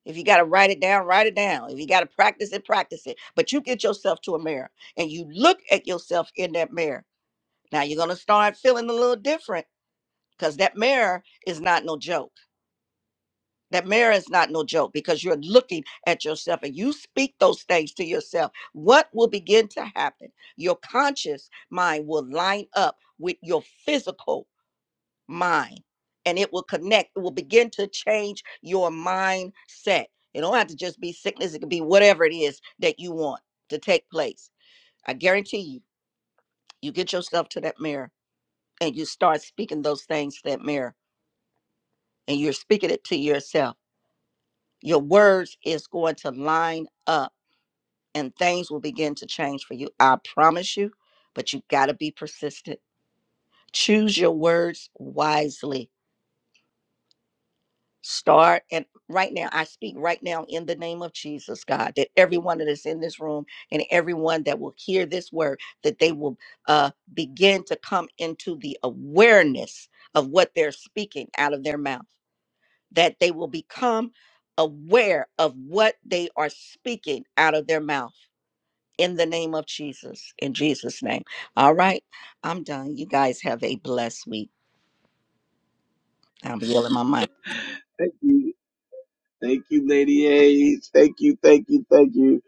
Speaker 3: If you got to write it down, write it down. If you got to practice it, practice it. But you get yourself to a mirror and you look at yourself in that mirror. Now you're going to start feeling a little different because that mirror is not no joke. That marriage is not no joke because you're looking at yourself and you speak those things to yourself. What will begin to happen? Your conscious mind will line up with your physical mind and it will connect. It will begin to change your mindset. It don't have to just be sickness, it could be whatever it is that you want to take place. I guarantee you, you get yourself to that mirror and you start speaking those things to that mirror and you're speaking it to yourself. Your words is going to line up and things will begin to change for you. I promise you, but you got to be persistent. Choose your words wisely. Start and right now, I speak right now in the name of Jesus, God, that everyone that is in this room and everyone that will hear this word, that they will uh, begin to come into the awareness of what they're speaking out of their mouth, that they will become aware of what they are speaking out of their mouth in the name of Jesus. In Jesus' name. All right. I'm done. You guys have a blessed week. I'm yielding my mic.
Speaker 1: Thank you. Thank you, Lady A's. Thank you, thank you, thank you.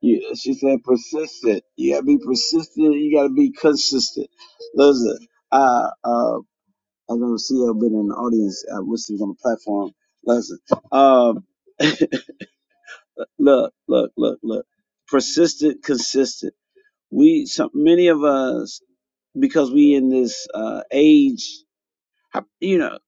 Speaker 1: you she said persistent. You gotta be persistent. You gotta be consistent. Listen, I, uh, I don't see her been in the audience. I wish she was on the platform. Listen, um, look, look, look, look. Persistent, consistent. We some many of us because we in this uh, age, how- you know,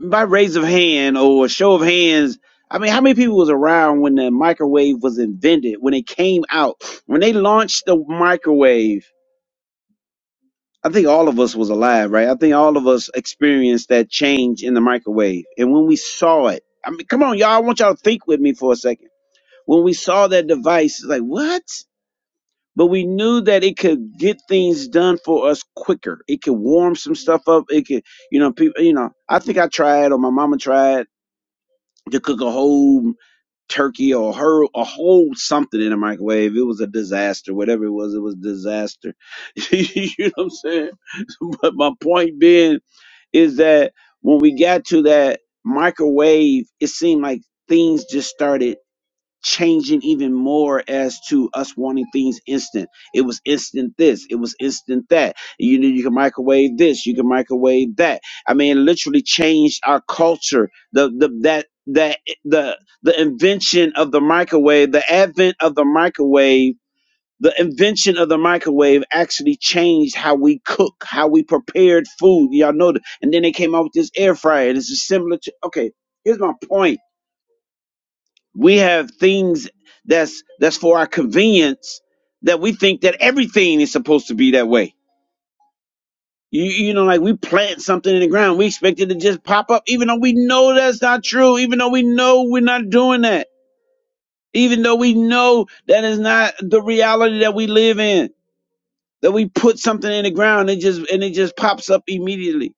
Speaker 1: by raise of hand or show of hands. I mean, how many people was around when the microwave was invented? When it came out, when they launched the microwave, I think all of us was alive, right? I think all of us experienced that change in the microwave, and when we saw it, I mean, come on, y'all, I want y'all to think with me for a second. When we saw that device, it's like what? but we knew that it could get things done for us quicker. It could warm some stuff up. It could, you know, people, you know, I think I tried or my mama tried to cook a whole turkey or her a whole something in a microwave. It was a disaster. Whatever it was, it was a disaster. you know what I'm saying? But my point being is that when we got to that microwave, it seemed like things just started changing even more as to us wanting things instant. It was instant this, it was instant that. You know, you can microwave this, you can microwave that. I mean, it literally changed our culture. The the that that the the invention of the microwave, the advent of the microwave. The invention of the microwave actually changed how we cook, how we prepared food. Y'all know that. And then they came out with this air fryer. This is similar to, okay, here's my point we have things that's that's for our convenience that we think that everything is supposed to be that way you, you know like we plant something in the ground we expect it to just pop up even though we know that's not true even though we know we're not doing that even though we know that is not the reality that we live in that we put something in the ground and it just and it just pops up immediately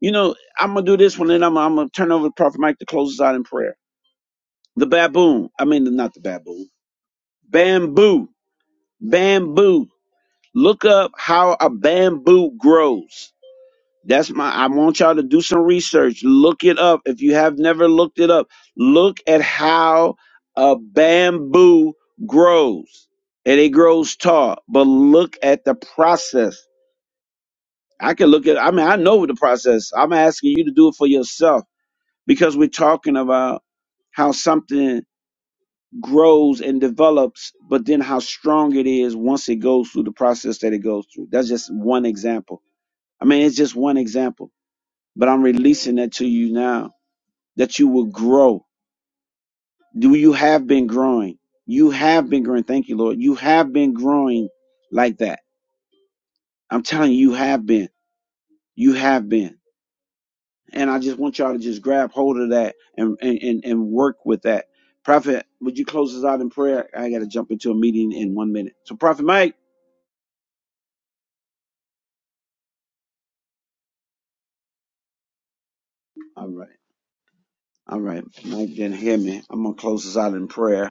Speaker 1: you know i'm gonna do this one and i'm, I'm gonna turn over to prophet mike to close us out in prayer the baboon i mean not the baboon bamboo Bamboo. Look up how a bamboo grows. That's my I want y'all to do some research. Look it up. If you have never looked it up, look at how a bamboo grows. And it grows tall, but look at the process. I can look at I mean I know the process. I'm asking you to do it for yourself because we're talking about how something grows and develops, but then how strong it is once it goes through the process that it goes through. That's just one example. I mean, it's just one example, but I'm releasing that to you now that you will grow. Do you have been growing? You have been growing. Thank you, Lord. You have been growing like that. I'm telling you, you have been. You have been. And I just want y'all to just grab hold of that and, and, and, and work with that. Prophet, would you close us out in prayer? I got to jump into a meeting in one minute. So, Prophet Mike. All right. All right. Mike didn't hear me. I'm going to close this out in prayer.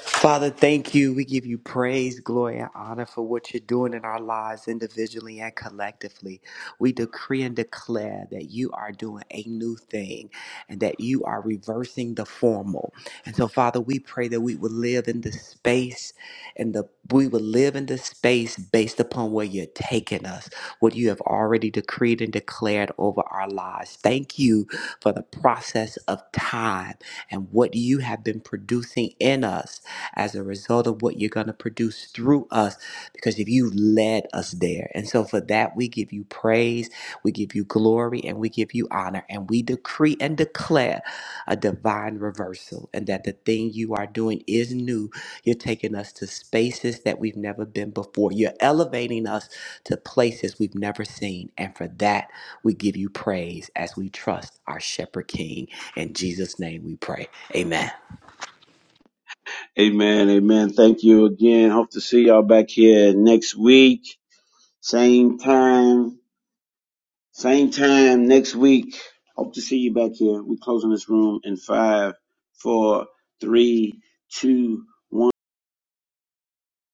Speaker 2: Father, thank you. We give you praise, glory, and honor for what you're doing in our lives individually and collectively. We decree and declare that you are doing a new thing and that you are reversing the formal. And so, Father, we pray that we would live in the space and the we would live in the space based upon where you're taking us, what you have already decreed and declared over our lives. Thank you for the process of time and what you have been producing in us as a result of what you're going to produce through us because if you led us there. And so for that, we give you praise, we give you glory, and we give you honor. And we decree and declare a divine reversal and that the thing you are doing is new. You're taking us to spaces that we've never been before. You're elevating us to places we've never seen. And for that, we give you praise as we trust our shepherd king. In Jesus' name we pray. Amen.
Speaker 1: Amen. Amen. Thank you again. Hope to see y'all back here next week. Same time. Same time next week. Hope to see you back here. We're closing this room in five, four, three, two,